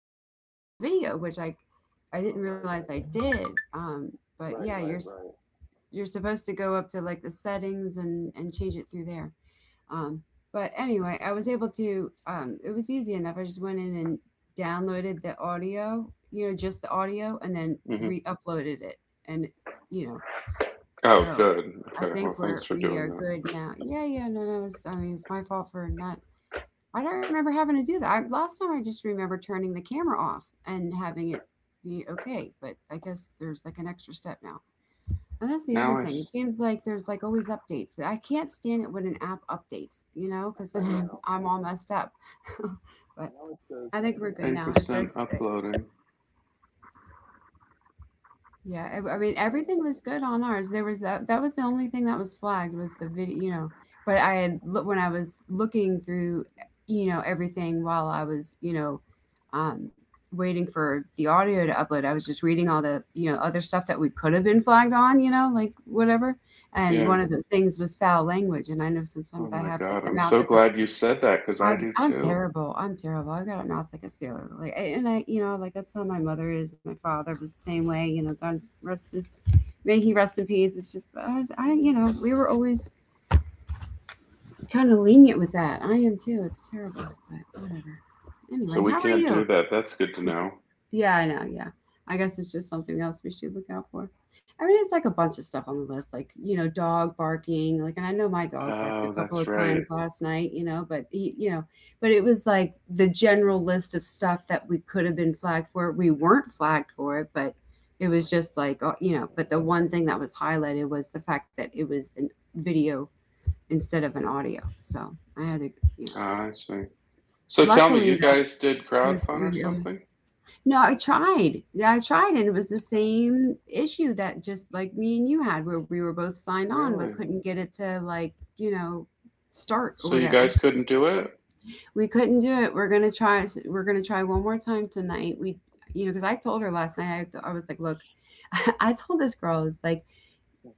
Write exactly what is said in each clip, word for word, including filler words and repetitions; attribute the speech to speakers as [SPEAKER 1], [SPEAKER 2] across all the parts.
[SPEAKER 1] set it up as a video, which I I didn't realize I did. Um, but yeah, you're s- you're supposed to go up to, like, the settings and and change it through there. Um, but anyway, I was able to. Um, it was easy enough. I just went in and downloaded the audio, you know, just the audio, and then
[SPEAKER 2] Hmm.
[SPEAKER 1] re-uploaded it, and you know,
[SPEAKER 2] Oh,
[SPEAKER 1] so
[SPEAKER 2] good.
[SPEAKER 1] I
[SPEAKER 2] Okay. Well,
[SPEAKER 1] think
[SPEAKER 2] thanks
[SPEAKER 1] we're
[SPEAKER 2] for
[SPEAKER 1] we
[SPEAKER 2] doing
[SPEAKER 1] are
[SPEAKER 2] that.
[SPEAKER 1] good now. Yeah, yeah, no, no, it's I mean it's my fault for not, I don't remember having to do that. I, last time I just remember turning the camera off and having it be okay, but I guess there's, like, an extra step now. And that's the other
[SPEAKER 2] Now I
[SPEAKER 1] thing. It
[SPEAKER 2] s-
[SPEAKER 1] seems like there's, like, always updates, but I can't stand it when an app updates, you know, because then I'm, I'm all messed up. But I think we're good
[SPEAKER 2] 10
[SPEAKER 1] now. It says.
[SPEAKER 2] percent uploading.
[SPEAKER 1] Yeah, I, I mean, everything was good on ours. There was that that was the only thing that was flagged was the video, you know. But I had loo- when I was looking through, you know, everything while I was, you know, um, waiting for the audio to upload, I was just reading all the, you know, other stuff that we could have been flagged on, you know, like, whatever. And
[SPEAKER 2] Yeah.
[SPEAKER 1] one of the things was foul language, and I know
[SPEAKER 2] Oh
[SPEAKER 1] sometimes I
[SPEAKER 2] my
[SPEAKER 1] have, like,
[SPEAKER 2] God.
[SPEAKER 1] the
[SPEAKER 2] I'm
[SPEAKER 1] mouth
[SPEAKER 2] so
[SPEAKER 1] of a.
[SPEAKER 2] glad you said that because I
[SPEAKER 1] I've
[SPEAKER 2] do
[SPEAKER 1] I'm
[SPEAKER 2] too.
[SPEAKER 1] terrible, I'm terrible. I got a mouth like a sailor. Like, a- and I, you know, like, that's how my mother is. My father was the same way. You know, God rest his, may he rest in peace. It's just, I, was, I you know, we were always kind of lenient with that. I am too. It's terrible, but whatever.
[SPEAKER 2] So
[SPEAKER 1] Anyway,
[SPEAKER 2] we
[SPEAKER 1] how are
[SPEAKER 2] can't
[SPEAKER 1] you?
[SPEAKER 2] do that. That's good to know.
[SPEAKER 1] Yeah, I know. Yeah. I guess it's just something else we should look out for. I mean, it's like a bunch of stuff on the list, like, you know, dog barking. Like, and I know my dog barked a
[SPEAKER 2] Oh,
[SPEAKER 1] couple
[SPEAKER 2] that's
[SPEAKER 1] of
[SPEAKER 2] right.
[SPEAKER 1] times last night, you know, but he, you know, but it was like the general list of stuff that we could have been flagged for. We weren't flagged for it, but it was just like, uh, you know, but the one thing that was highlighted was the fact that it was a video instead of an audio. So I had to, you know,
[SPEAKER 2] Ah, I see. So tell me,
[SPEAKER 1] luckily
[SPEAKER 2] you
[SPEAKER 1] though,
[SPEAKER 2] guys did
[SPEAKER 1] I was,
[SPEAKER 2] crowdfund
[SPEAKER 1] we
[SPEAKER 2] or
[SPEAKER 1] were able.
[SPEAKER 2] something?
[SPEAKER 1] No, I tried. Yeah, I tried, and it was the same issue that just like me and you had, where we were both signed on but
[SPEAKER 2] Really?
[SPEAKER 1] couldn't get it to, like, you know, start or
[SPEAKER 2] So you
[SPEAKER 1] whatever.
[SPEAKER 2] guys couldn't do it?
[SPEAKER 1] We couldn't do it. We're gonna try. We're gonna try one more time tonight. We, you know, because I told her last night. I, I was like, look, I told this girl, I was like,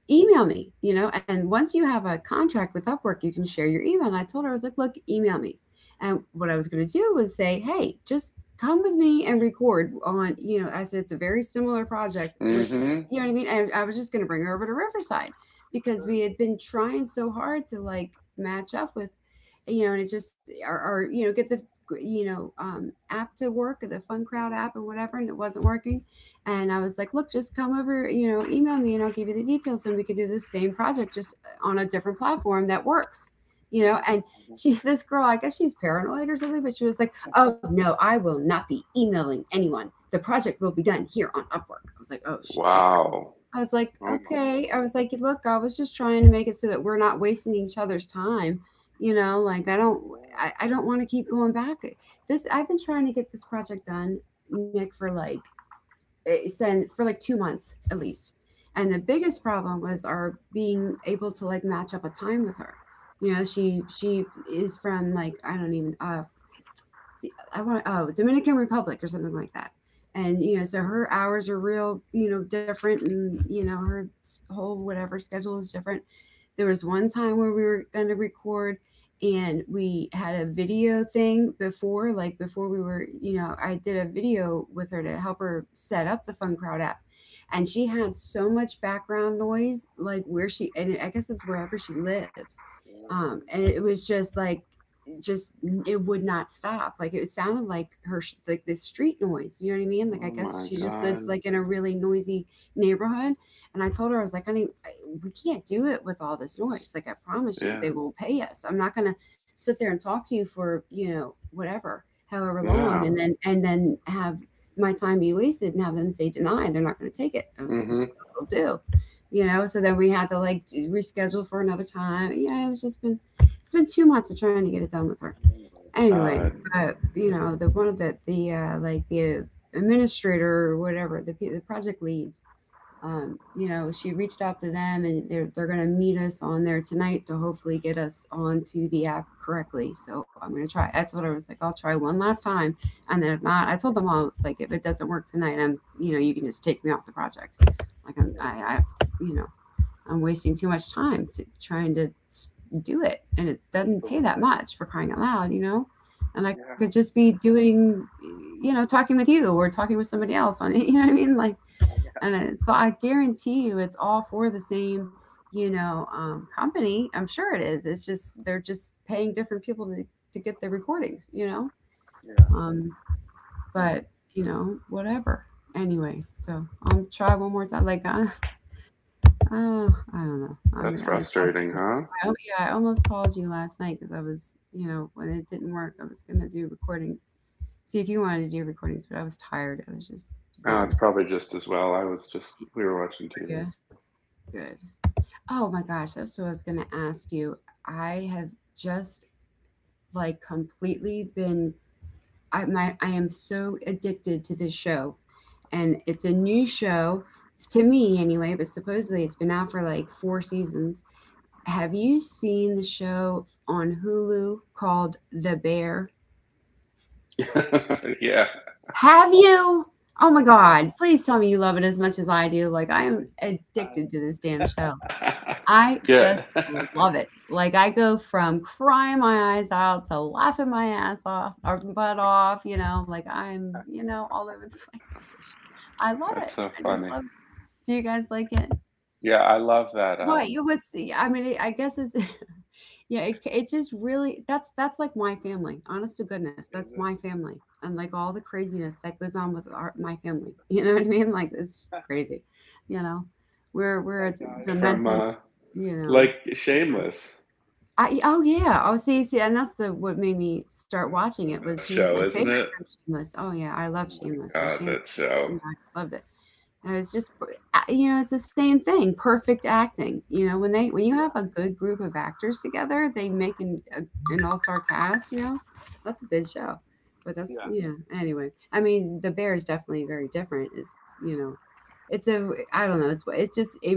[SPEAKER 1] email me, you know, and once you have a contract with Upwork, you can share your email. And I told her, I was like, look, email me. And what I was going to do was say, hey, just come with me and record on, you know, I said, it's a very similar project with,
[SPEAKER 2] Mm-hmm.
[SPEAKER 1] you know what I mean? And I was just going to bring her over to Riverside because we had been trying so hard to, like, match up with, you know, and it just, or, or you know, get the, you know, um, app to work, or the Fun Crowd app and whatever, and it wasn't working, and I was like, look, just come over, you know, email me and I'll give you the details and we could do the same project, just uh, on a different platform that works, you know. And she, this girl, I guess she's paranoid or something, but she was like, oh no, I will not be emailing anyone. The project will be done here on Upwork. I was like, oh, sh- oh crap.
[SPEAKER 2] Wow.
[SPEAKER 1] I was like,
[SPEAKER 2] Oh my
[SPEAKER 1] okay.
[SPEAKER 2] Lord.
[SPEAKER 1] I was like, look, I was just trying to make it so that we're not wasting each other's time, you know. Like, I don't, I, I don't want to keep going back. This, I've been trying to get this project done, Nick, for like uh, send for like two months at least. And the biggest problem was our being able to, like, match up a time with her. You know, she she is from, like, I don't even, uh the, I want, oh, Dominican Republic or something like that. And you know, so her hours are real, you know, different, and you know, her s- whole whatever schedule is different. There was one time where we were going to record, and we had a video thing before, like before we were, you know, I did a video with her to help her set up the Fun Crowd app, and she had so much background noise, like where she, and I guess it's wherever she lives, um, and it was just like, just it would not stop, like it sounded like her, like this street noise, you know what I mean? Like, I
[SPEAKER 2] Oh
[SPEAKER 1] guess
[SPEAKER 2] my
[SPEAKER 1] she just lives,
[SPEAKER 2] God.
[SPEAKER 1] like, in a really noisy neighborhood. And I told her, I was like, honey, I- we can't do it with all this noise. Like, I promise you,
[SPEAKER 2] Yeah.
[SPEAKER 1] they won't pay us. I'm not gonna sit there and talk to you for, you know whatever, however long,
[SPEAKER 2] Yeah.
[SPEAKER 1] and then and then have my time be wasted and have them say denied. They're not gonna take it. I was like,
[SPEAKER 2] Mm-hmm.
[SPEAKER 1] that's what they'll do. You know so then we had to, like, reschedule for another time. Yeah, it's just been it's been two months of trying to get it done with her. Anyway,
[SPEAKER 2] God.
[SPEAKER 1] but you know the one of the the uh, like the administrator or whatever the pe- the project leads. Um, you know, she reached out to them and they're they're gonna meet us on there tonight to hopefully get us onto the app correctly. So I'm gonna try. I told her I was like, I'll try one last time, and then if not, I told them all it's like, if it doesn't work tonight, I'm you know you can just take me off the project. Like I'm I, I you know I'm wasting too much time to trying to do it, and it doesn't pay that much for crying out loud, you know. And I could just be doing, you know, talking with you or talking with somebody else on it. You know what I mean? Like, and it, so I guarantee you, it's all for the same, you know, um, company. I'm sure it is. It's just they're just paying different people to to get the recordings, you know. Um, but you know, whatever, anyway, so I'll try one more time, like, uh, oh, I don't know. I'm
[SPEAKER 2] That's
[SPEAKER 1] I'm
[SPEAKER 2] frustrating,
[SPEAKER 1] exhausted.
[SPEAKER 2] huh?
[SPEAKER 1] I, al- yeah, I almost called you last night because I was, you know, when it didn't work, I was gonna do recordings. See if you wanted to do recordings, but I was tired. I was just
[SPEAKER 2] Oh,
[SPEAKER 1] done.
[SPEAKER 2] it's probably just as well. I was just we were watching
[SPEAKER 1] Yeah,
[SPEAKER 2] T V, so
[SPEAKER 1] good. Oh my gosh, that's what I was gonna ask you. I have just, like, completely been. I my I am so addicted to this show, and it's a new show to me anyway. But supposedly it's been out for like four seasons. Have you seen the show on Hulu called The Bear?
[SPEAKER 2] yeah,
[SPEAKER 1] Have you? Oh my God, please tell me you love it as much as I do. Like, I am addicted to this damn show. I
[SPEAKER 2] yeah.
[SPEAKER 1] just love it. Like, I go from crying my eyes out to laughing my ass off or butt off, you know, like I'm, you know, all over the place with this show. I love it.
[SPEAKER 2] That's so
[SPEAKER 1] I just
[SPEAKER 2] funny.
[SPEAKER 1] love it. Do you guys like it?
[SPEAKER 2] Yeah, I love that.
[SPEAKER 1] Well,
[SPEAKER 2] Um,
[SPEAKER 1] you would see. I mean, I guess it's yeah, it it just really that's that's like my family. Honest to goodness, that's my family. And like all the craziness that goes on with our my family. You know what I mean? Like it's crazy. You know, we're
[SPEAKER 2] that's
[SPEAKER 1] we're a
[SPEAKER 2] that
[SPEAKER 1] d-
[SPEAKER 2] guy from
[SPEAKER 1] demented,
[SPEAKER 2] uh,
[SPEAKER 1] you know.
[SPEAKER 2] like
[SPEAKER 1] Sort of-.
[SPEAKER 2] Shameless.
[SPEAKER 1] I, oh yeah. Oh, see, see and that's the what made me start
[SPEAKER 2] That's
[SPEAKER 1] watching
[SPEAKER 2] the
[SPEAKER 1] it was
[SPEAKER 2] best
[SPEAKER 1] he was my
[SPEAKER 2] show,
[SPEAKER 1] favorite
[SPEAKER 2] isn't it?
[SPEAKER 1] from Shameless. Oh yeah, I love
[SPEAKER 2] Oh my
[SPEAKER 1] Shameless. So
[SPEAKER 2] God,
[SPEAKER 1] Shameless
[SPEAKER 2] that
[SPEAKER 1] was- you
[SPEAKER 2] show.
[SPEAKER 1] know, I just loved it. And it's just, you know, it's the same thing, perfect acting. You know, when they when you have a good group of actors together, they make an a, an all-star cast, you know. That's a good show. But that's, yeah, anyway. I mean, The Bear is definitely very different. It's, you know, it's a I don't know, it's it's just a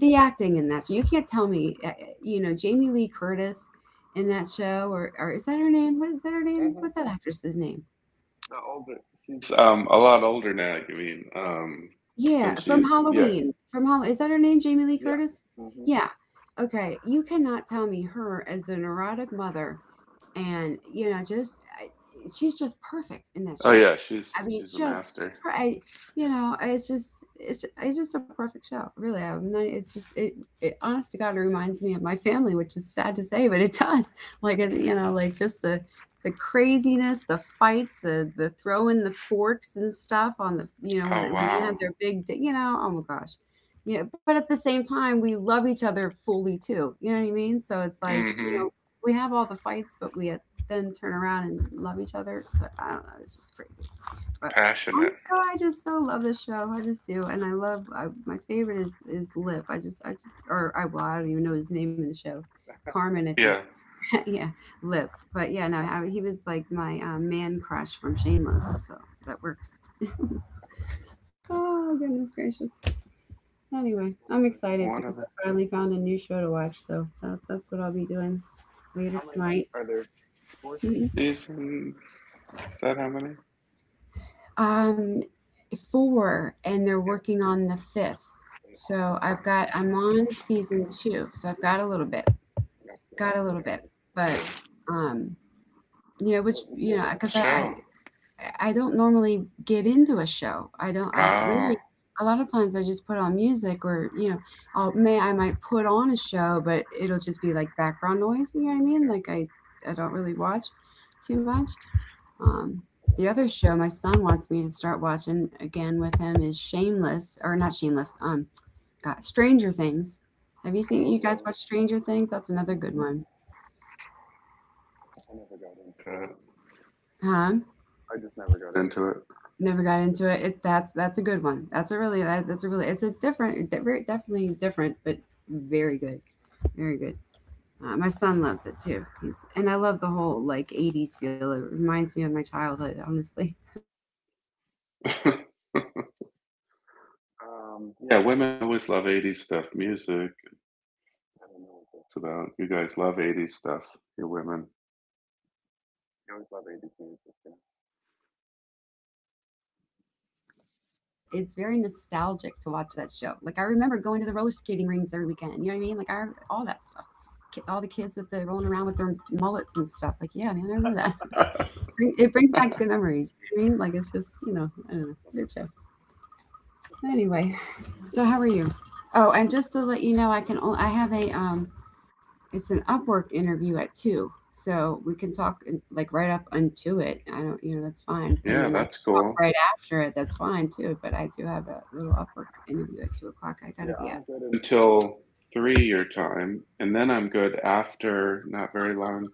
[SPEAKER 1] the acting in that, you can't tell me, uh, uh, you know, Jamie Lee Curtis in that show. Or, or is that her name? What is that her name? What's that actress's name?
[SPEAKER 2] She's um a lot older now. I mean, um,
[SPEAKER 1] Yeah,
[SPEAKER 2] than she
[SPEAKER 1] from
[SPEAKER 2] used to. Yeah.
[SPEAKER 1] Halloween. From Hall Is that her name, Jamie Lee Curtis? Yeah. Okay, you cannot tell me her as the neurotic mother and, you know, just I- she's just perfect in that
[SPEAKER 2] Oh
[SPEAKER 1] show.
[SPEAKER 2] yeah,
[SPEAKER 1] I
[SPEAKER 2] she's
[SPEAKER 1] mean,
[SPEAKER 2] she's a
[SPEAKER 1] just
[SPEAKER 2] master.
[SPEAKER 1] per- I, you know, it's just it's it's just a perfect show. Really, I'm not, it's just it, it honest to God, it reminds me of my family, which is sad to say, but it does. Like, it- you know, like, just the the craziness, the fights, the the throwing the forks and stuff on the, you know, when
[SPEAKER 2] Oh
[SPEAKER 1] when they
[SPEAKER 2] wow.
[SPEAKER 1] had their big d- you know, oh my gosh, you know. But at the same time, we love each other fully too. You know what I mean? So it's like, you
[SPEAKER 2] Mm-hmm.
[SPEAKER 1] know, we have all the fights, but we at- then turn around and love each other. So I don't know, it's just crazy. But I'm
[SPEAKER 2] Passionate.
[SPEAKER 1] so I just so love this show. I just do, and I love I, my favorite is is Lip. I just I just or I well I don't even know his name in the show. Carmen, I think.
[SPEAKER 2] Yeah.
[SPEAKER 1] Yeah, Lip. But yeah. no, how- He was like my uh, man crush from Shameless, so that works. Oh, goodness gracious! Anyway, I'm excited
[SPEAKER 2] What
[SPEAKER 1] because
[SPEAKER 2] are
[SPEAKER 1] I finally found a new show to watch, so that, that's what I'll be doing later tonight. Mhm.
[SPEAKER 2] the seasons? Is that how many?
[SPEAKER 1] um, Four, and they're working on the fifth. So I've got I'm on season two, so I've got a little bit, got a little bit, but um, you know. which you know, because I,
[SPEAKER 2] Show,
[SPEAKER 1] I I don't normally get into a show. I don't
[SPEAKER 2] Oh,
[SPEAKER 1] I
[SPEAKER 2] I
[SPEAKER 1] really A lot of times I just put on music, or, you know, I'll may I might put on a show, but it'll just be like background noise. You know what I mean? Like I I don't really watch too much. Um the other show my son wants me to start watching again with him is Shameless or not Shameless. Um God, Stranger Things. Have you seen You guys watch Stranger Things? That's another good one. Huh?
[SPEAKER 2] into
[SPEAKER 1] Never got into it. It that's that's a good one. That's a really that, that's a really it's a different de- very- definitely different, but very good, very good. Uh, my son loves it too. He's and I love the whole like eighties feel. It reminds me of my childhood, honestly. Uh, it's just, you know,
[SPEAKER 2] it.
[SPEAKER 1] all the music and the the, the mullets
[SPEAKER 2] Yeah,
[SPEAKER 1] and
[SPEAKER 2] women always love eighties stuff. Music,
[SPEAKER 1] yeah. Well, I mean, I grew
[SPEAKER 2] that's
[SPEAKER 1] up in the
[SPEAKER 2] about. You
[SPEAKER 1] eighties. I was
[SPEAKER 2] guys love
[SPEAKER 1] born in
[SPEAKER 2] eighties stuff,
[SPEAKER 1] 'eighty-five.
[SPEAKER 2] you women.
[SPEAKER 1] Uh, yeah, it just reminded, like, honestly, it's like a, it's very nostalgic to watch that show. Like, I remember going to the roller skating rings every weekend. You know what I mean? Like I All that stuff. Ki- All the kids with the rolling around with their mullets and stuff. Like, yeah, man, I remember that. Bring- It brings back good memories. You know what I mean? Like, it's just, you know, I don't know, it's a good show. Anyway, so how are you? Oh, and just to let you know, I can o- I have a um it's an Upwork interview at two, so we can talk in- like right up unto it. I don't, you know, that's fine. And then
[SPEAKER 2] Yeah,
[SPEAKER 1] I can
[SPEAKER 2] that's
[SPEAKER 1] talk right
[SPEAKER 2] cool.
[SPEAKER 1] after it. That's fine too. But I do have a little Upwork interview at two o'clock. I got to be up.
[SPEAKER 2] Until three year time. And then I'm good after, not very long,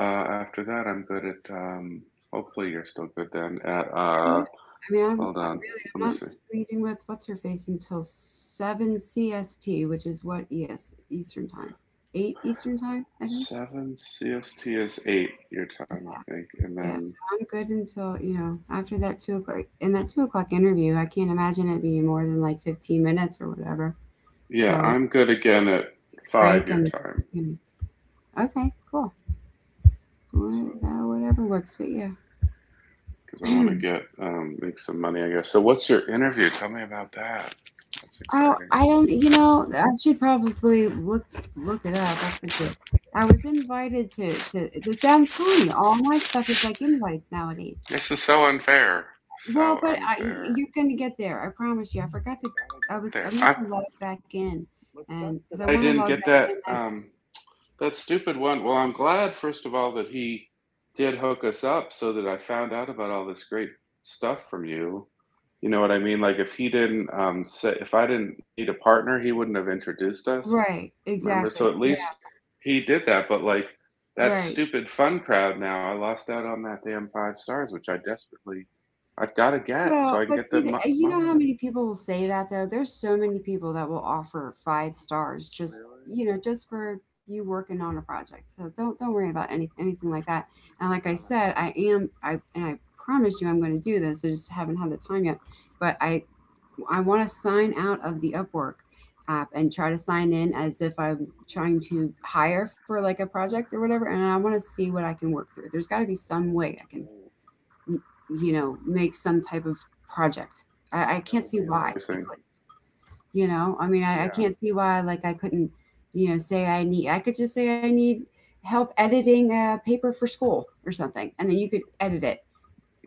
[SPEAKER 2] uh, after that, I'm good at, um, hopefully you're still good then, at,
[SPEAKER 1] Are you-
[SPEAKER 2] uh,
[SPEAKER 1] I mean, I'm
[SPEAKER 2] hold
[SPEAKER 1] I really
[SPEAKER 2] on, let
[SPEAKER 1] I'm
[SPEAKER 2] me
[SPEAKER 1] not
[SPEAKER 2] see.
[SPEAKER 1] meeting with what's her face until seven C S T, which is what E S Eastern time, eight Eastern time, I think.
[SPEAKER 2] Seven C S T is eight year time, I think. And
[SPEAKER 1] Yeah, so
[SPEAKER 2] then,
[SPEAKER 1] I'm good until, you know, after that two o'clock. In that two o'clock interview, I can't imagine it being more than like fifteen minutes or whatever.
[SPEAKER 2] yeah,
[SPEAKER 1] So,
[SPEAKER 2] I'm good
[SPEAKER 1] we can
[SPEAKER 2] again at
[SPEAKER 1] break
[SPEAKER 2] five
[SPEAKER 1] and,
[SPEAKER 2] your time,
[SPEAKER 1] you know, okay, cool. Wha uh, Whatever works, but yeah.
[SPEAKER 2] because I want to get um, make some money, I guess. So, what's your interview? Tell me about that. That's
[SPEAKER 1] Oh,
[SPEAKER 2] exciting.
[SPEAKER 1] I don't, you know, I should probably look look it up, I forget. I was invited to to this. I'm telling you, all my stuff is like invites nowadays.
[SPEAKER 2] This is so unfair.
[SPEAKER 1] Well,
[SPEAKER 2] So
[SPEAKER 1] but I, you y- you're
[SPEAKER 2] unfair.
[SPEAKER 1] gonna get there, I promise you. I forgot to I was I
[SPEAKER 2] There,
[SPEAKER 1] meant
[SPEAKER 2] I.
[SPEAKER 1] to log back in,
[SPEAKER 2] What
[SPEAKER 1] and
[SPEAKER 2] sucks
[SPEAKER 1] because I
[SPEAKER 2] that
[SPEAKER 1] want
[SPEAKER 2] I
[SPEAKER 1] to log
[SPEAKER 2] didn't
[SPEAKER 1] back
[SPEAKER 2] get
[SPEAKER 1] in
[SPEAKER 2] that.
[SPEAKER 1] as
[SPEAKER 2] Um, That stupid one. Well, I'm glad, first of all, that he did hook us up so that I found out about all this great stuff from you. You know what I mean? Like, if he didn't, um, say, if I didn't need a partner, he wouldn't have introduced us.
[SPEAKER 1] right,
[SPEAKER 2] Remember?
[SPEAKER 1] exactly.
[SPEAKER 2] So at
[SPEAKER 1] Yeah,
[SPEAKER 2] least he did that. But like, that
[SPEAKER 1] right.
[SPEAKER 2] stupid Fun Crowd now, I lost out on that damn five stars, which I desperately, I've got to get so
[SPEAKER 1] Well,
[SPEAKER 2] I can
[SPEAKER 1] but
[SPEAKER 2] get
[SPEAKER 1] see,
[SPEAKER 2] the
[SPEAKER 1] the,
[SPEAKER 2] mo-
[SPEAKER 1] eh, you know
[SPEAKER 2] money.
[SPEAKER 1] how
[SPEAKER 2] Like,
[SPEAKER 1] many people will say that though? There's so many people that will offer five stars just, you know, just for you working on a project. So don't don't worry about any anything like that. And like I said, I am I and I promise you I'm going to do this. I just haven't had the time yet. But I I want to sign out of the Upwork app and try to sign in as if I'm trying to hire for like a project or whatever. And I want to see what I can work through. There's got to be some way I can, you know, make some type of project. I, I can't see why I could, you know, I mean, I, I can't see why, like, I couldn't, you know, say I need, I could just say I need help editing a paper for school or something. And then you could edit it,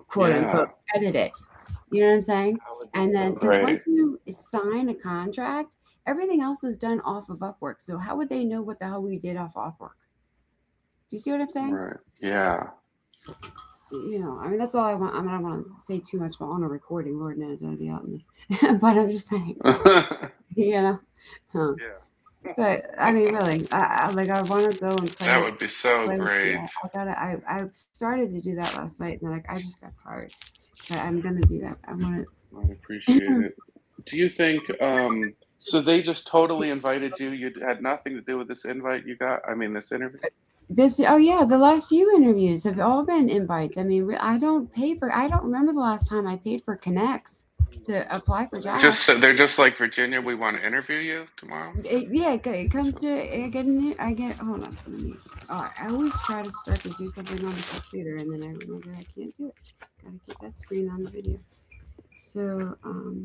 [SPEAKER 1] quote unquote,
[SPEAKER 2] yeah.
[SPEAKER 1] edit it. You know what I'm saying? And then, because once
[SPEAKER 2] Great.
[SPEAKER 1] you sign a contract, everything else is done off of Upwork. So how would they know what the hell we did off Upwork? Do you see what I'm saying?
[SPEAKER 2] Right. Yeah.
[SPEAKER 1] You know, I mean, that's all I want. I mean, I don't want to say too much about on a recording. Lord knows I'd be out in the, but I'm just saying, you know. Huh. But I mean, really, I, I like I want to go and play with
[SPEAKER 2] That would be
[SPEAKER 1] play
[SPEAKER 2] so
[SPEAKER 1] with the. Uh,
[SPEAKER 2] great.
[SPEAKER 1] I gotta. I I started to do that last night, and then, like, I just got tired. But I'm gonna do that. I want to
[SPEAKER 2] I appreciate it. Do you think, um so
[SPEAKER 1] just.
[SPEAKER 2] they just totally invited you? You had nothing to do with this invite you got. I mean, this interview.
[SPEAKER 1] This? Oh yeah, the last few interviews have all been invites. I mean, re- I don't pay for. I don't remember the last time I paid for connects to apply
[SPEAKER 2] Unbelievable.
[SPEAKER 1] for
[SPEAKER 2] So they're
[SPEAKER 1] jobs.
[SPEAKER 2] just so they're just like, Virginia, we want to interview you tomorrow.
[SPEAKER 1] It, yeah, it, it comes to
[SPEAKER 2] So
[SPEAKER 1] it getting. I get. Hold on. Let me, oh, I always try to start to do something on the computer, and then I remember I can't do it. Gotta keep that screen on the video. So, um,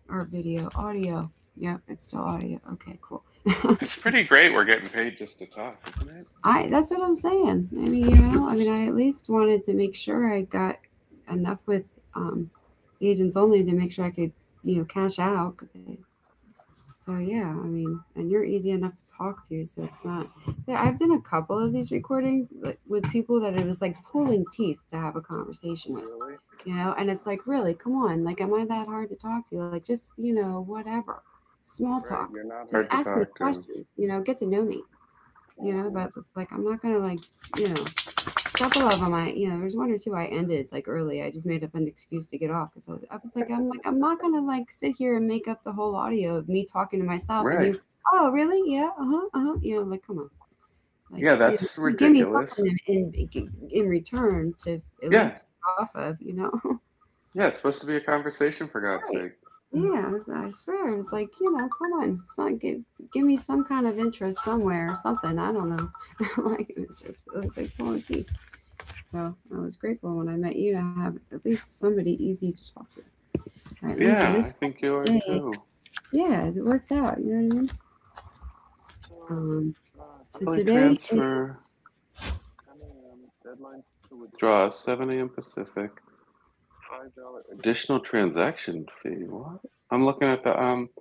[SPEAKER 1] or video, audio. Yep, it's still audio. Okay, cool.
[SPEAKER 2] that's
[SPEAKER 1] Jeez.
[SPEAKER 2] pretty great. We're getting paid just to talk, isn't it?
[SPEAKER 1] I. That's what I'm saying. I mean, you know, I mean, I at least wanted to make sure I got enough with, um, agents only to make sure I could, you know, cash out because I so yeah, I mean, and you're easy enough to talk to, so it's not. Yeah, I've done a couple of these recordings, like, with people that it was like pulling teeth to have a conversation with, you know. And it's like, really, come on, like, am I that hard to talk to? Like, just, you know, whatever, small talk.
[SPEAKER 2] Right. You're not
[SPEAKER 1] Just
[SPEAKER 2] hard to
[SPEAKER 1] ask me
[SPEAKER 2] talk to.
[SPEAKER 1] questions, you know, get to know me, you know. But it's like I'm not gonna like, you know. A couple of them, I you know, there's one or two i ended like early. I just made up an excuse to get off because I was, I was like, I'm like, I'm not gonna like sit here and make up the whole audio of me talking to myself and you,
[SPEAKER 2] Right.
[SPEAKER 1] oh really, yeah, uh-huh, uh-huh, you know, like, come on, like,
[SPEAKER 2] Yeah.
[SPEAKER 1] you
[SPEAKER 2] That's
[SPEAKER 1] know, give me, give me
[SPEAKER 2] ridiculous.
[SPEAKER 1] something in, in in return to at
[SPEAKER 2] Yeah.
[SPEAKER 1] least feed off of, you know.
[SPEAKER 2] Yeah. It's supposed to be a conversation, for God's
[SPEAKER 1] Right,
[SPEAKER 2] sake.
[SPEAKER 1] yeah. I, was, I swear it was like, you know, come on son, give, give me some kind of interest somewhere or something, I don't know. Like, it was just, it was like pulling teeth. So I was grateful when I met you to have at least somebody easy to talk to. All right, let me see
[SPEAKER 2] Yeah.
[SPEAKER 1] this
[SPEAKER 2] I think you are
[SPEAKER 1] day.
[SPEAKER 2] too.
[SPEAKER 1] Yeah, it works out. You know what I mean?
[SPEAKER 2] So
[SPEAKER 1] Um, so
[SPEAKER 2] really
[SPEAKER 1] today is
[SPEAKER 2] transfer. Deadline to withdraw seven a m. Pacific. Additional transaction fee. What? I'm looking at the um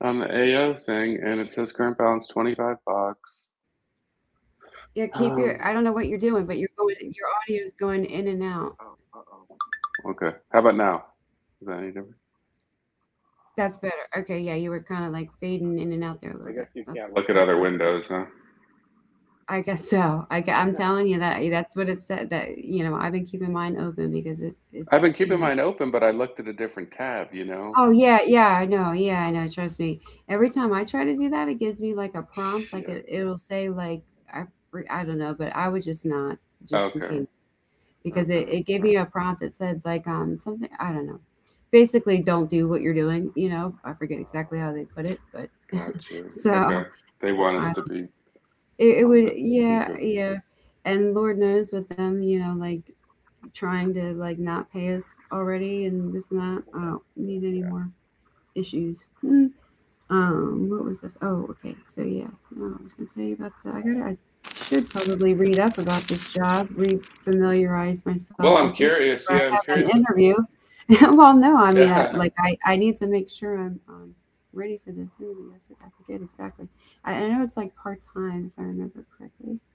[SPEAKER 2] on the A O thing, and it says current balance 25
[SPEAKER 1] yeah.
[SPEAKER 2] bucks.
[SPEAKER 1] Keep your. I don't know what you're doing, but you're going.
[SPEAKER 2] Um.
[SPEAKER 1] Your audio is going in and out.
[SPEAKER 2] Okay. How about now? Is that any different?
[SPEAKER 1] That's better. Okay, yeah, you were kind of like fading in and out there a little bit.
[SPEAKER 2] I
[SPEAKER 1] That's
[SPEAKER 2] guess you can't
[SPEAKER 1] that's
[SPEAKER 2] look look at
[SPEAKER 1] perfect
[SPEAKER 2] other windows, huh?
[SPEAKER 1] now. I guess so. I, am telling you that that's what it said. That You know, I've been keeping mine open because it, it
[SPEAKER 2] I've been
[SPEAKER 1] you
[SPEAKER 2] keeping
[SPEAKER 1] know,
[SPEAKER 2] mine open, but I looked at a different tab. You know.
[SPEAKER 1] oh yeah, yeah, I know. Yeah, I know. Trust me. Every time I try to do that, it gives me like a prompt. Like
[SPEAKER 2] Shit.
[SPEAKER 1] it, it'll say like I, fr- I don't know, but I would just not, just in
[SPEAKER 2] Okay.
[SPEAKER 1] case, because
[SPEAKER 2] Okay.
[SPEAKER 1] it, it
[SPEAKER 2] All
[SPEAKER 1] gave
[SPEAKER 2] right.
[SPEAKER 1] me a prompt that said like um something. I don't know. Basically, don't do what you're doing. You know, I forget exactly how they put it, but
[SPEAKER 2] Got you.
[SPEAKER 1] so
[SPEAKER 2] Okay. They want us to
[SPEAKER 1] I,
[SPEAKER 2] be
[SPEAKER 1] it, it
[SPEAKER 2] on that.
[SPEAKER 1] would, yeah
[SPEAKER 2] Okay.
[SPEAKER 1] yeah, and Lord knows with them, you know, like trying to like not pay us already and this and that. I don't need any more issues. Um, what was this? Oh, okay. So yeah, no, I was gonna tell you about the, I gotta, I should probably read up about this job, re-familiarize
[SPEAKER 2] Well,
[SPEAKER 1] myself
[SPEAKER 2] I'm
[SPEAKER 1] with it
[SPEAKER 2] curious.
[SPEAKER 1] before
[SPEAKER 2] Yeah,
[SPEAKER 1] I
[SPEAKER 2] I'm
[SPEAKER 1] have an
[SPEAKER 2] curious about.
[SPEAKER 1] interview. Well, no, I mean, I, like I, I need to make sure I'm um, ready for this interview. I, for, I forget exactly. I, I know it's like part-time if I remember correctly.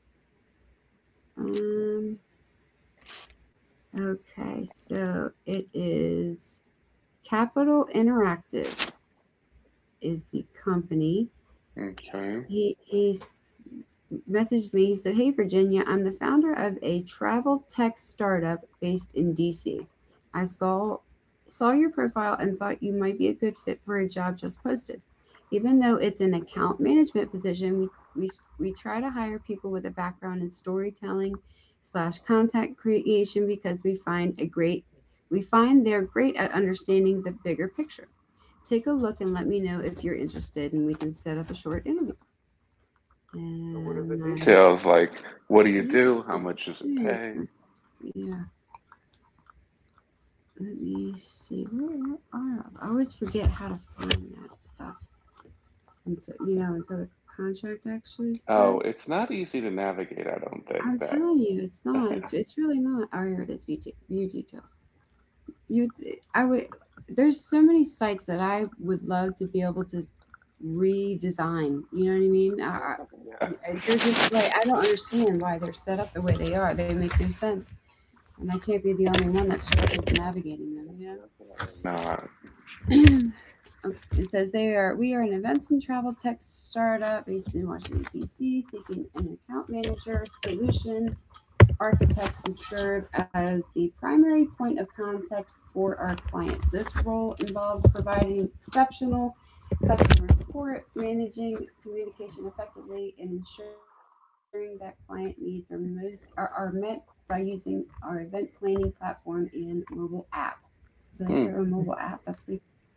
[SPEAKER 1] Um, okay, so it is Capital Interactive is the company.
[SPEAKER 2] Okay.
[SPEAKER 1] He he s- messaged me. He said, "Hey Virginia, I'm the founder of a travel tech startup based in D C. I saw saw your profile and thought you might be a good fit for a job just posted. Even though it's an account management position, we we s- we try to hire people with a background in storytelling slash content creation because we find a great we find they're great at understanding the bigger picture." Take a look and let me know if you're interested, and we can set up a short interview.
[SPEAKER 2] So what are the
[SPEAKER 1] And I
[SPEAKER 2] details? Like, what do you
[SPEAKER 1] think
[SPEAKER 2] do? How much does it
[SPEAKER 1] twenty-six.
[SPEAKER 2] pay?
[SPEAKER 1] That's, yeah, let me see. Where are I? I always forget how to find that stuff until, you know, until the contract actually
[SPEAKER 2] Oh,
[SPEAKER 1] starts.
[SPEAKER 2] it's not easy to navigate. I don't think
[SPEAKER 1] I'm
[SPEAKER 2] that.
[SPEAKER 1] telling you, it's not. It's it's really not. Oh, here it is. View, de- view details. You, I would. There's so many sites that I would love to be able to redesign. You know what I mean? I, I, they're just like, I don't understand why they're set up the way they are. They make no sense. And I can't be the only one that struggles navigating them,
[SPEAKER 2] Definitely not.
[SPEAKER 1] you know? Okay, it says they are we are an events and travel tech startup based in Washington D C seeking an account manager solution architect to serve as the primary point of contact for our clients. This role involves providing exceptional customer support, managing communication effectively, and ensuring that client needs are most are, are met by using our event planning platform and mobile app. So they have their own
[SPEAKER 2] Hmm.
[SPEAKER 1] mobile app. That's pretty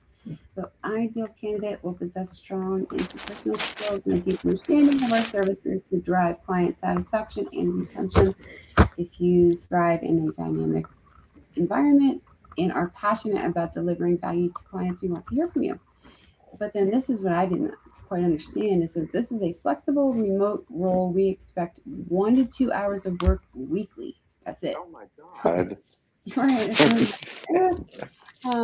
[SPEAKER 1] cool. The ideal candidate will possess strong interpersonal skills and a deep understanding of our services to drive client satisfaction and retention. If you thrive in a dynamic environment and are passionate about delivering value to clients, we want to hear from you. But then this is what I didn't quite understand. It says this is a flexible remote role. We expect one to two hours of work weekly. That's
[SPEAKER 2] Oh
[SPEAKER 1] it.
[SPEAKER 2] my God.
[SPEAKER 1] All right. That's what, I'm like, eh,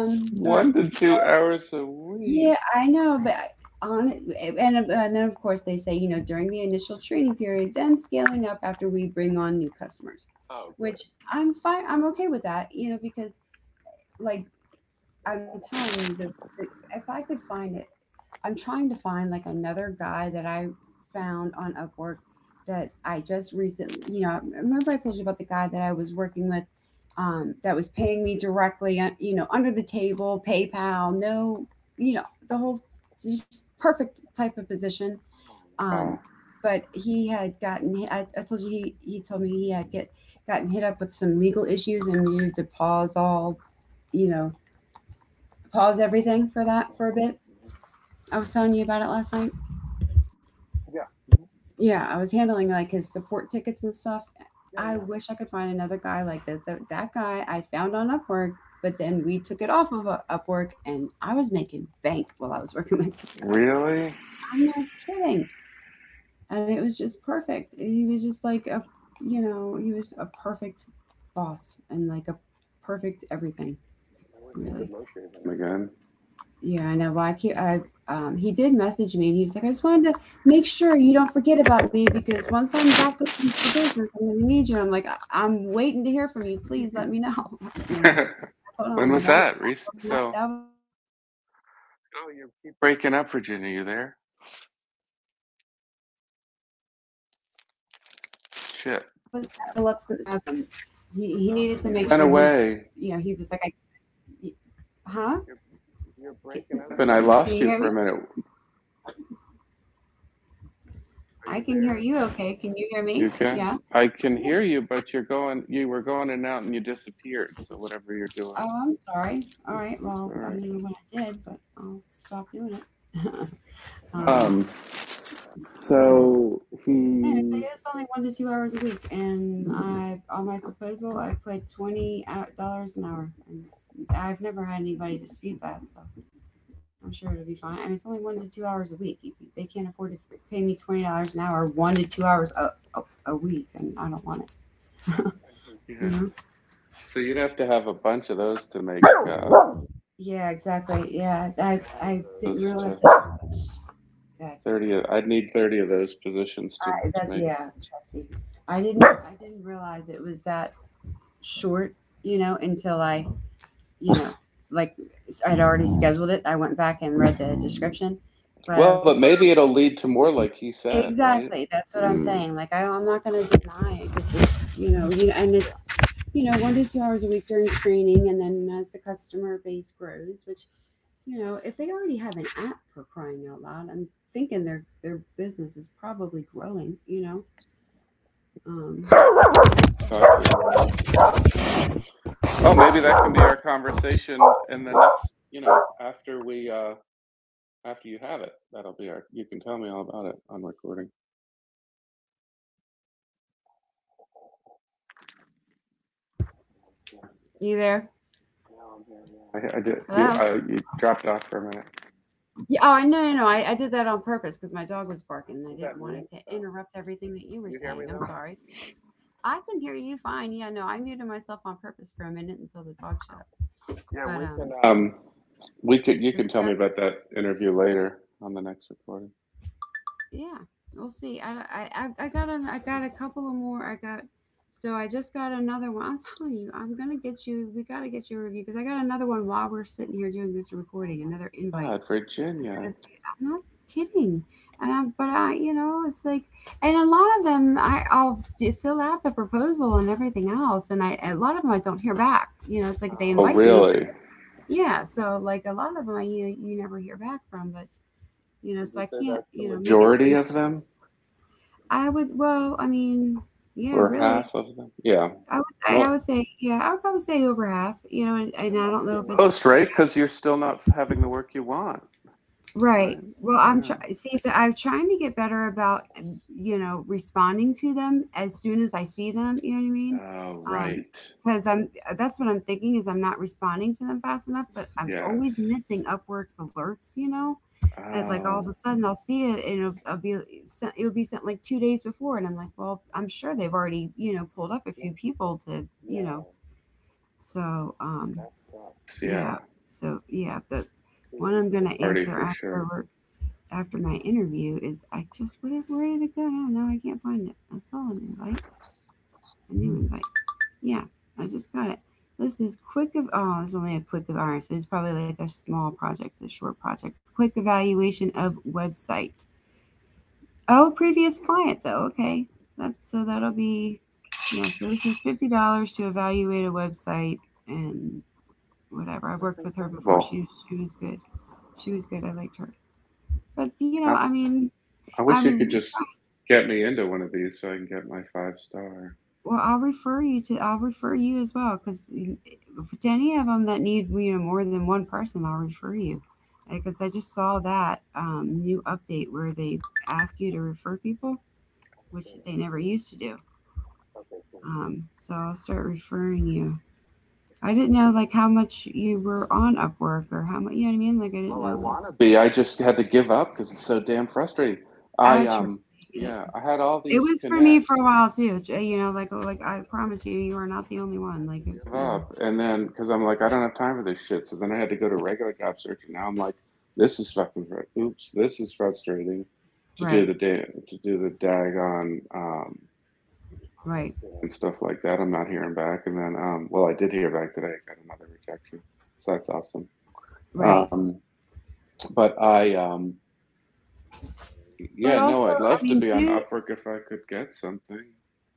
[SPEAKER 1] um,
[SPEAKER 2] One
[SPEAKER 1] but
[SPEAKER 2] to two hours a week.
[SPEAKER 1] yeah, I know, but on and and then of course they say, you know, during the initial training period, then scaling up after we bring on new customers, which I'm fine. I'm okay with that, you know, because like, I'm telling you that if I could find it, I'm trying to find like another guy that I found on Upwork that I just recently, you know, remember I told you about the guy that I was working with, um, that was paying me directly, uh, you know, under the table, PayPal, no, you know, the whole just perfect type of position.
[SPEAKER 2] Wow.
[SPEAKER 1] Um, but he had gotten, I, I told you he, he told me he had get gotten hit up with some legal issues and needed to pause all, you know, pause everything for that for a bit. I was telling you about it last night. Yeah, I was handling like his support tickets and stuff. I wish I could find another guy like this. That, that guy I found on Upwork, but then we took it off of uh, Upwork, and I was making bank while I was working with this guy.
[SPEAKER 2] Really?
[SPEAKER 1] I'm not kidding. And it was just perfect. He was just like a, you know, he was a perfect boss and like a perfect everything,
[SPEAKER 2] I wish you could
[SPEAKER 1] really.
[SPEAKER 2] locate him
[SPEAKER 1] Yeah, I know. Well, I not I, um, he did message me and he was like, I just wanted to make sure you don't forget about me because once I'm back open for business, I'm going to need you. And I'm like, I- I'm waiting to hear from you. Please let me know. You
[SPEAKER 2] again.
[SPEAKER 1] know,
[SPEAKER 2] When
[SPEAKER 1] Oh, oh,
[SPEAKER 2] was
[SPEAKER 1] like I,
[SPEAKER 2] that? Reese?
[SPEAKER 1] I'm not,
[SPEAKER 2] So
[SPEAKER 1] that was, that was, yeah, that was like last week. He said they're
[SPEAKER 2] breaking up,
[SPEAKER 1] trying to,
[SPEAKER 2] Virginia. You there?
[SPEAKER 1] you know, settle up some, some things and blah, blah, blah. But he was like, I just needed to, s- you know,
[SPEAKER 2] Shit.
[SPEAKER 1] have, um, he, he
[SPEAKER 2] Oh,
[SPEAKER 1] needed to
[SPEAKER 2] you went,
[SPEAKER 1] make
[SPEAKER 2] went
[SPEAKER 1] sure his,
[SPEAKER 2] away.
[SPEAKER 1] you know, he was like, I, huh?
[SPEAKER 2] You're breaking up, and I
[SPEAKER 1] Can,
[SPEAKER 2] lost
[SPEAKER 1] can
[SPEAKER 2] you
[SPEAKER 1] you hear
[SPEAKER 2] for a
[SPEAKER 1] me?
[SPEAKER 2] minute.
[SPEAKER 1] I can hear you okay. Can you hear
[SPEAKER 2] You
[SPEAKER 1] me?
[SPEAKER 2] okay?
[SPEAKER 1] Yeah.
[SPEAKER 2] I can
[SPEAKER 1] Yeah.
[SPEAKER 2] hear you, but you're going. You were going in and out, and you disappeared. So whatever you're doing,
[SPEAKER 1] Oh, I'm sorry. All right.
[SPEAKER 2] it's all
[SPEAKER 1] Well, I
[SPEAKER 2] right.
[SPEAKER 1] don't know what I did, but I'll stop doing it. um,
[SPEAKER 2] Um.
[SPEAKER 1] yeah.
[SPEAKER 2] So
[SPEAKER 1] Anyway, so
[SPEAKER 2] he.
[SPEAKER 1] yeah, it's only one to two hours a week, and I've, on my proposal I put twenty dollars an hour, and I've never had anybody dispute that, so I'm sure it'll be fine. I mean, it's only one to two hours a week. If they can't afford to pay me twenty dollars an hour, one to two hours a, a, a week, and I don't want it. You
[SPEAKER 2] Yeah.
[SPEAKER 1] know.
[SPEAKER 2] So you'd have to have a bunch of those to make, uh,
[SPEAKER 1] Yeah, exactly. Yeah, I
[SPEAKER 2] twenty of
[SPEAKER 1] I didn't
[SPEAKER 2] those to
[SPEAKER 1] realize that it was that's
[SPEAKER 2] thirty. Of, I'd need thirty of those positions to
[SPEAKER 1] I
[SPEAKER 2] to
[SPEAKER 1] that's,
[SPEAKER 2] make.
[SPEAKER 1] yeah. Trust me, I didn't I didn't realize it was that short. You know, until I, you know, like, s- I'd already scheduled it. I went back and read the description, but I
[SPEAKER 2] Well,
[SPEAKER 1] was
[SPEAKER 2] but
[SPEAKER 1] like,
[SPEAKER 2] maybe it'll lead to more, like he said, right?
[SPEAKER 1] exactly. That's what I'm, mm, saying. Like I, don't, I'm not going to deny it because it's, you know, you, and it's, you know, one to two hours a week during training, and then as the customer base grows, which, you know, if they already have an app for crying out loud, I'm thinking their their business is probably growing. You know. Um, go
[SPEAKER 2] Talk
[SPEAKER 1] ahead.
[SPEAKER 2] to him. Oh, maybe that can be our conversation in the next. You know, after we uh after you have it, that'll be our. You can tell me all about it on recording.
[SPEAKER 1] You there?
[SPEAKER 2] Now I'm here. Yeah, I, I did.
[SPEAKER 1] Hello.
[SPEAKER 2] You, uh, you dropped off for a minute.
[SPEAKER 1] Yeah. Oh, I, no, no, no. I, I did that on purpose because my dog was barking and I didn't want it to interrupt everything that you were saying. I'm sorry. I can hear you fine. Yeah. No, I muted myself on purpose for a minute until the dog shut up. But
[SPEAKER 2] Yeah,
[SPEAKER 1] um
[SPEAKER 2] we can. Um, um, we could.
[SPEAKER 1] just
[SPEAKER 2] You
[SPEAKER 1] got to
[SPEAKER 2] can tell
[SPEAKER 1] see
[SPEAKER 2] me
[SPEAKER 1] how
[SPEAKER 2] about
[SPEAKER 1] this,
[SPEAKER 2] that interview later on the next recording.
[SPEAKER 1] yeah, we'll see. I i i I got an, I got a couple of more, I got, so I just got another one. I'm telling you, I'm gonna get you, we gotta get you a review, because I got another one while we're sitting here doing this recording. Another invite.
[SPEAKER 2] God,
[SPEAKER 1] I gotta
[SPEAKER 2] Virginia.
[SPEAKER 1] see, I'm not kidding. And I but I you know it's like, and a lot of them, I, I'll d- fill out the proposal and everything else, and I, a lot of them I don't hear back. You know, it's like, they
[SPEAKER 2] Oh, oh
[SPEAKER 1] invite me,
[SPEAKER 2] really?
[SPEAKER 1] yeah, so like a lot of them I, you, you never hear back from. But you know,
[SPEAKER 2] Would
[SPEAKER 1] so
[SPEAKER 2] you
[SPEAKER 1] I
[SPEAKER 2] say
[SPEAKER 1] can't,
[SPEAKER 2] that's
[SPEAKER 1] you
[SPEAKER 2] the
[SPEAKER 1] know, make it
[SPEAKER 2] majority
[SPEAKER 1] seem.
[SPEAKER 2] majority of them,
[SPEAKER 1] I would well, I mean, yeah,
[SPEAKER 2] or
[SPEAKER 1] really.
[SPEAKER 2] half of them? Yeah.
[SPEAKER 1] I would say I
[SPEAKER 2] Mo-
[SPEAKER 1] would say, yeah, I would probably say over half, you know. and
[SPEAKER 2] it
[SPEAKER 1] and I don't
[SPEAKER 2] must be
[SPEAKER 1] know if
[SPEAKER 2] most,
[SPEAKER 1] it's,
[SPEAKER 2] most, right? Because you're still not having the work you want,
[SPEAKER 1] right.
[SPEAKER 2] right?
[SPEAKER 1] Well, I'm
[SPEAKER 2] Yeah.
[SPEAKER 1] trying. See, that I'm trying to get better about, um, you know, responding to them as soon as I see them. You know what I mean?
[SPEAKER 2] Oh,
[SPEAKER 1] Um,
[SPEAKER 2] right.
[SPEAKER 1] because I'm. That's what I'm thinking is, I'm not responding to them fast enough. But I'm always
[SPEAKER 2] Yes.
[SPEAKER 1] missing Upwork's alerts. You know, Uh, like all of a
[SPEAKER 2] Oh,
[SPEAKER 1] sudden I'll see it, and it'll, I'll be sent. It'll be sent like two days before, and I'm like, well, I'm sure they've already, you know, pulled up a few people to, you know. So, um,
[SPEAKER 2] yeah.
[SPEAKER 1] yeah. So yeah, the
[SPEAKER 2] Too
[SPEAKER 1] one I'm
[SPEAKER 2] late for
[SPEAKER 1] gonna
[SPEAKER 2] the party
[SPEAKER 1] answer
[SPEAKER 2] for
[SPEAKER 1] after.
[SPEAKER 2] sure.
[SPEAKER 1] We're after my interview is, I just, where where did it go? No, no, I can't find it. I saw an invite, a new invite. Yeah, I just got it. This is quick of, oh, it's only a quick of ours. It's probably like a small project, a short project. Quick evaluation of website. Oh, previous client though. Okay, that's, so that'll be, yeah. So this is fifty dollars to evaluate a website, and whatever. I've worked with her before.
[SPEAKER 2] Well.
[SPEAKER 1] She she was good. She was good. I liked her. But you know, I
[SPEAKER 2] I,
[SPEAKER 1] mean,
[SPEAKER 2] I wish you
[SPEAKER 1] I'm
[SPEAKER 2] could just get me into one of these so I can get my five star.
[SPEAKER 1] well, I'll refer you to I'll refer you as well, because to any of them that need, you know, more than one person, I'll refer you because I just saw that um, new update where they ask you to refer people, which they never used to do. Um, so I'll start referring you. I didn't know like how much you were on Upwork, or how much, you know what I mean. Like, I didn't
[SPEAKER 2] Well,
[SPEAKER 1] know,
[SPEAKER 2] I
[SPEAKER 1] like,
[SPEAKER 2] want to be. I just had to give up because it's so damn frustrating.
[SPEAKER 1] I
[SPEAKER 2] I
[SPEAKER 1] trust you,
[SPEAKER 2] um
[SPEAKER 1] get it.
[SPEAKER 2] yeah, I had all
[SPEAKER 1] It
[SPEAKER 2] these
[SPEAKER 1] was for me for a
[SPEAKER 2] connects.
[SPEAKER 1] while too. j- You know, like like I promise you, you are not the only one.
[SPEAKER 2] I had
[SPEAKER 1] Like,
[SPEAKER 2] to give
[SPEAKER 1] you know,
[SPEAKER 2] up, and then because I'm like, I don't have time for this shit. So then I had to go to regular job search, and now I'm like, this is fucking. Fr- oops, this is frustrating to do
[SPEAKER 1] right,
[SPEAKER 2] the da- to do the daggone, um
[SPEAKER 1] right,
[SPEAKER 2] and stuff like that. I'm not hearing back, and then, um well, I did hear back today. I got another rejection, so that's awesome.
[SPEAKER 1] right.
[SPEAKER 2] Um, but I, um,
[SPEAKER 1] But
[SPEAKER 2] yeah,
[SPEAKER 1] also,
[SPEAKER 2] no, I'd
[SPEAKER 1] I
[SPEAKER 2] love to
[SPEAKER 1] mean,
[SPEAKER 2] be on
[SPEAKER 1] do
[SPEAKER 2] Upwork if I could get something.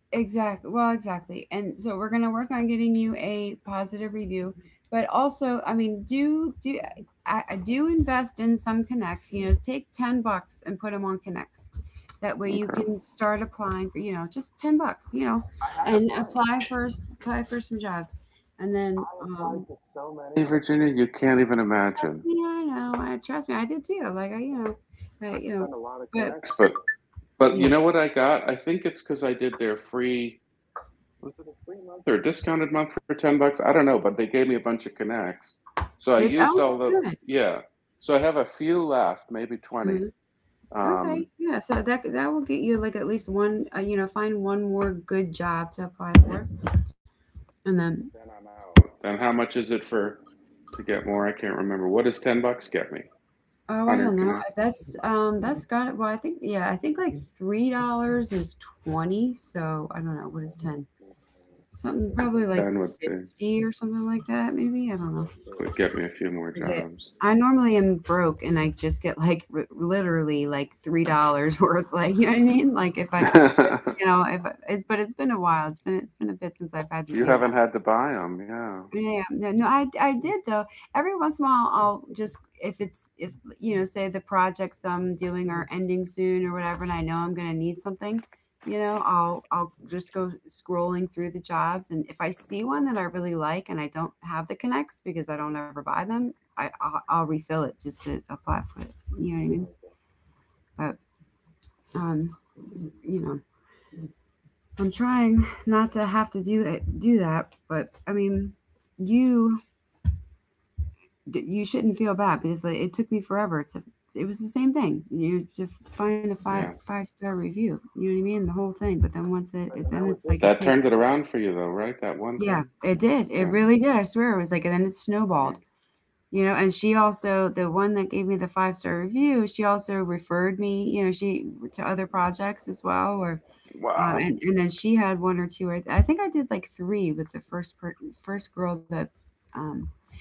[SPEAKER 1] exactly, well, exactly. And so we're gonna work on getting you a positive review. But also, I mean, do do I, I do invest in some connects. You know, take ten bucks and put them on connects. That way, you
[SPEAKER 2] Okay.
[SPEAKER 1] can start applying for, you know, just ten bucks. You know, and apply for s- apply for some jobs, and then
[SPEAKER 2] I applied
[SPEAKER 1] um
[SPEAKER 2] to so many. Hey, Virginia, you can't even imagine.
[SPEAKER 1] yeah, I know. I Trust me, I did too. Like, I, you know, I,
[SPEAKER 2] I
[SPEAKER 1] you know,
[SPEAKER 2] spent a lot of
[SPEAKER 1] but
[SPEAKER 2] connects, but but you
[SPEAKER 1] yeah,
[SPEAKER 2] know what I got? I think it's because I did their free. Was it a free month or a discounted month for ten bucks? I don't know, but they gave me a bunch of connects, so I
[SPEAKER 1] did oh,
[SPEAKER 2] used all the,
[SPEAKER 1] okay,
[SPEAKER 2] yeah. So I have a few left, maybe
[SPEAKER 1] good.
[SPEAKER 2] twenty.
[SPEAKER 1] Okay,
[SPEAKER 2] Um,
[SPEAKER 1] yeah, so that that will get you like at least one, uh, you know, find one more good job to apply for, and then,
[SPEAKER 2] But then I'm out. Then how much is it for to get more? I can't remember. What does ten bucks get me?
[SPEAKER 1] oh, I
[SPEAKER 2] one
[SPEAKER 1] don't
[SPEAKER 2] Hundred
[SPEAKER 1] know,
[SPEAKER 2] connects.
[SPEAKER 1] that's um, that's got it. Well, I think, yeah, I think like three dollars is twenty, so I don't know what is ten, something probably like
[SPEAKER 2] Then would be okay.
[SPEAKER 1] fifty or something like that, maybe, I don't know.
[SPEAKER 2] So would get me a few more
[SPEAKER 1] Forget.
[SPEAKER 2] jobs.
[SPEAKER 1] I normally am broke, and I just get like r- literally like three dollars worth, like, you know what I mean? Like, if I, you know, if I, it's, but it's been a while, it's been it's been a bit since I've had to
[SPEAKER 2] You
[SPEAKER 1] do.
[SPEAKER 2] haven't had to buy them, yeah,
[SPEAKER 1] Yeah, no, no, I I did though. Every once in a while, I'll just if it's, if, you know, say the projects I'm doing are ending soon or whatever, and I know I'm gonna need something, you know, I'll I'll just go scrolling through the jobs, and if I see one that I really like and I don't have the connects because I don't ever buy them, I I'll, I'll refill it just to apply for it. You know what I mean? But um, you know, I'm trying not to have to do it, do that, but I mean, you d- you shouldn't feel bad because, like, it took me forever to — it was the same thing, you to find a five
[SPEAKER 2] yeah.
[SPEAKER 1] five star review, you know what I mean, the whole thing, but then once it,
[SPEAKER 2] But,
[SPEAKER 1] it
[SPEAKER 2] and
[SPEAKER 1] then
[SPEAKER 2] that
[SPEAKER 1] it's
[SPEAKER 2] was it.
[SPEAKER 1] like, it
[SPEAKER 2] That
[SPEAKER 1] takes.
[SPEAKER 2] turned it around for you, though, right? That one
[SPEAKER 1] Yeah,
[SPEAKER 2] thing.
[SPEAKER 1] it did, it
[SPEAKER 2] Yeah.
[SPEAKER 1] really did. I swear, it was like, and then it snowballed.
[SPEAKER 2] Mm.
[SPEAKER 1] You know, and she also, the one that gave me the five star review, she also referred me, you know, she to other projects as well. Or... um,
[SPEAKER 2] Wow.
[SPEAKER 1] and and then she had one or two. I, I think I did like three with the first per, first girl that, um,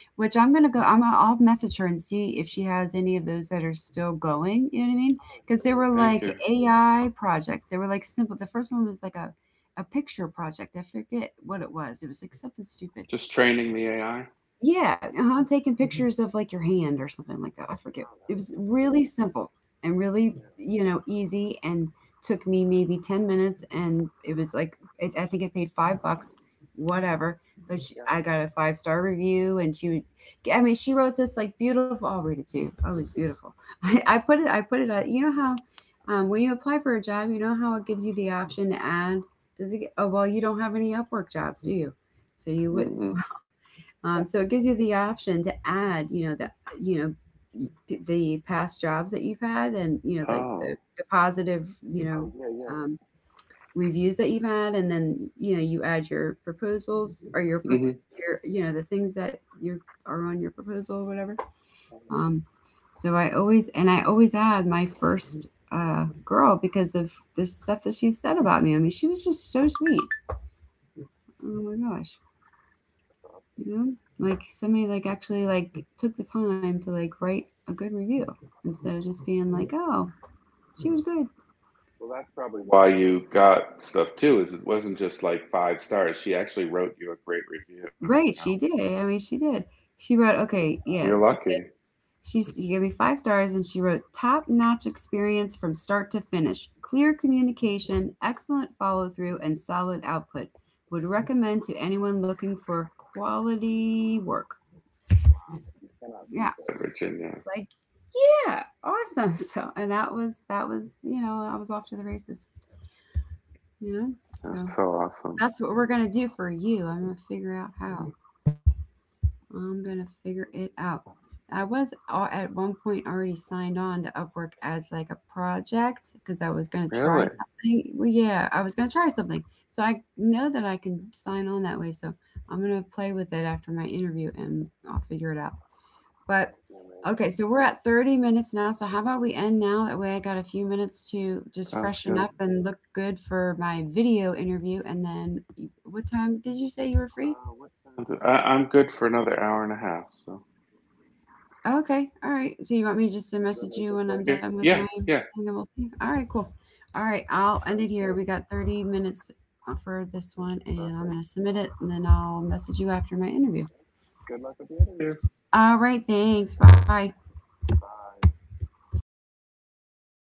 [SPEAKER 1] which I'm gonna go. I'm gonna, I'll message her and see if she has any of those that are still going. You know what I mean? Because they were like
[SPEAKER 2] Thank you.
[SPEAKER 1] A I projects. They were like simple. The first one was like a a picture project. I forget what it was. It was like something stupid.
[SPEAKER 2] Just training the A I.
[SPEAKER 1] Yeah, uh-huh, taking pictures of, like, your hand or something like that, I forget. It was really simple and really, you know, easy, and took me maybe ten minutes, and it was, like, it — I think I paid five bucks, whatever, but sh I got a five-star review, and she would g I mean, she wrote this, like, beautiful — I'll read it to you. Oh, it's beautiful. I I put it I put it at, you know how, um, when you apply for a job, you know how it gives you the option to add? Does it g Oh, well, you don't have any Upwork jobs, do you? So you wouldn't,
[SPEAKER 2] Mm-mm.
[SPEAKER 1] um, so it gives you the option to add, you know, the you know the past jobs that you've had, and, you know, like the
[SPEAKER 2] Oh.
[SPEAKER 1] the positive, you know, um, reviews that you've had, and then, you know, you add your proposals or your pro-
[SPEAKER 2] Hmm.
[SPEAKER 1] your, you know the things that you are on your proposal or whatever. Um, so I always and I always add my first uh, girl because of the stuff that she said about me. I mean, she was just so sweet. Oh my gosh. You know, like somebody like actually like took the time to like write a good review, instead of just being like, oh, she was good.
[SPEAKER 2] Well, that's probably why you got stuff too. Is it wasn't just like five stars. She actually wrote you a great review. You
[SPEAKER 1] Right,
[SPEAKER 2] know,
[SPEAKER 1] she did. I mean, she did. She
[SPEAKER 2] she
[SPEAKER 1] wrote,
[SPEAKER 2] took the
[SPEAKER 1] okay,
[SPEAKER 2] time.
[SPEAKER 1] yeah,
[SPEAKER 2] You're
[SPEAKER 1] she
[SPEAKER 2] lucky.
[SPEAKER 1] said,
[SPEAKER 2] You
[SPEAKER 1] she's she gave me five stars, and she wrote, "Top notch experience from start to finish. Clear communication, excellent follow through, and solid output. Would recommend to anyone looking for quality work."
[SPEAKER 2] cannot
[SPEAKER 1] Yeah,
[SPEAKER 2] beat that,
[SPEAKER 1] it's
[SPEAKER 2] Virginia.
[SPEAKER 1] like, yeah, awesome. So, and that was that was you know, I was off to the races. You know? So
[SPEAKER 2] That's so awesome.
[SPEAKER 1] that's what we're going to do for you. I'm going to figure out how. I'm going to figure it out. I was al- at one point already signed on to Upwork as like a project because I was going to try
[SPEAKER 2] Really?
[SPEAKER 1] something. Well, yeah, I was going to try something. So I know that I can sign on that way. So I'm going to play with it after my interview, and I'll figure it out. But okay, so we're at thirty minutes now. So how about we end now? That way I got a few minutes to just
[SPEAKER 2] Sounds
[SPEAKER 1] freshen up
[SPEAKER 2] good.
[SPEAKER 1] and look good for my video interview. And then you- what time did you say you were free?
[SPEAKER 2] Uh, what time? I, I'm good for another hour and a half. So
[SPEAKER 1] Oh, okay. All right. So you want me just to message you when I'm
[SPEAKER 2] yeah,
[SPEAKER 1] done with my
[SPEAKER 2] yeah.
[SPEAKER 1] thing
[SPEAKER 2] Yeah.
[SPEAKER 1] and we'll see? All right, cool. All right, I'll end it here. We got thirty minutes, uh, for this one, and I'm going to submit it, and then I'll message you after my interview.
[SPEAKER 2] Good luck with the interview.
[SPEAKER 1] All right, thanks. Bye.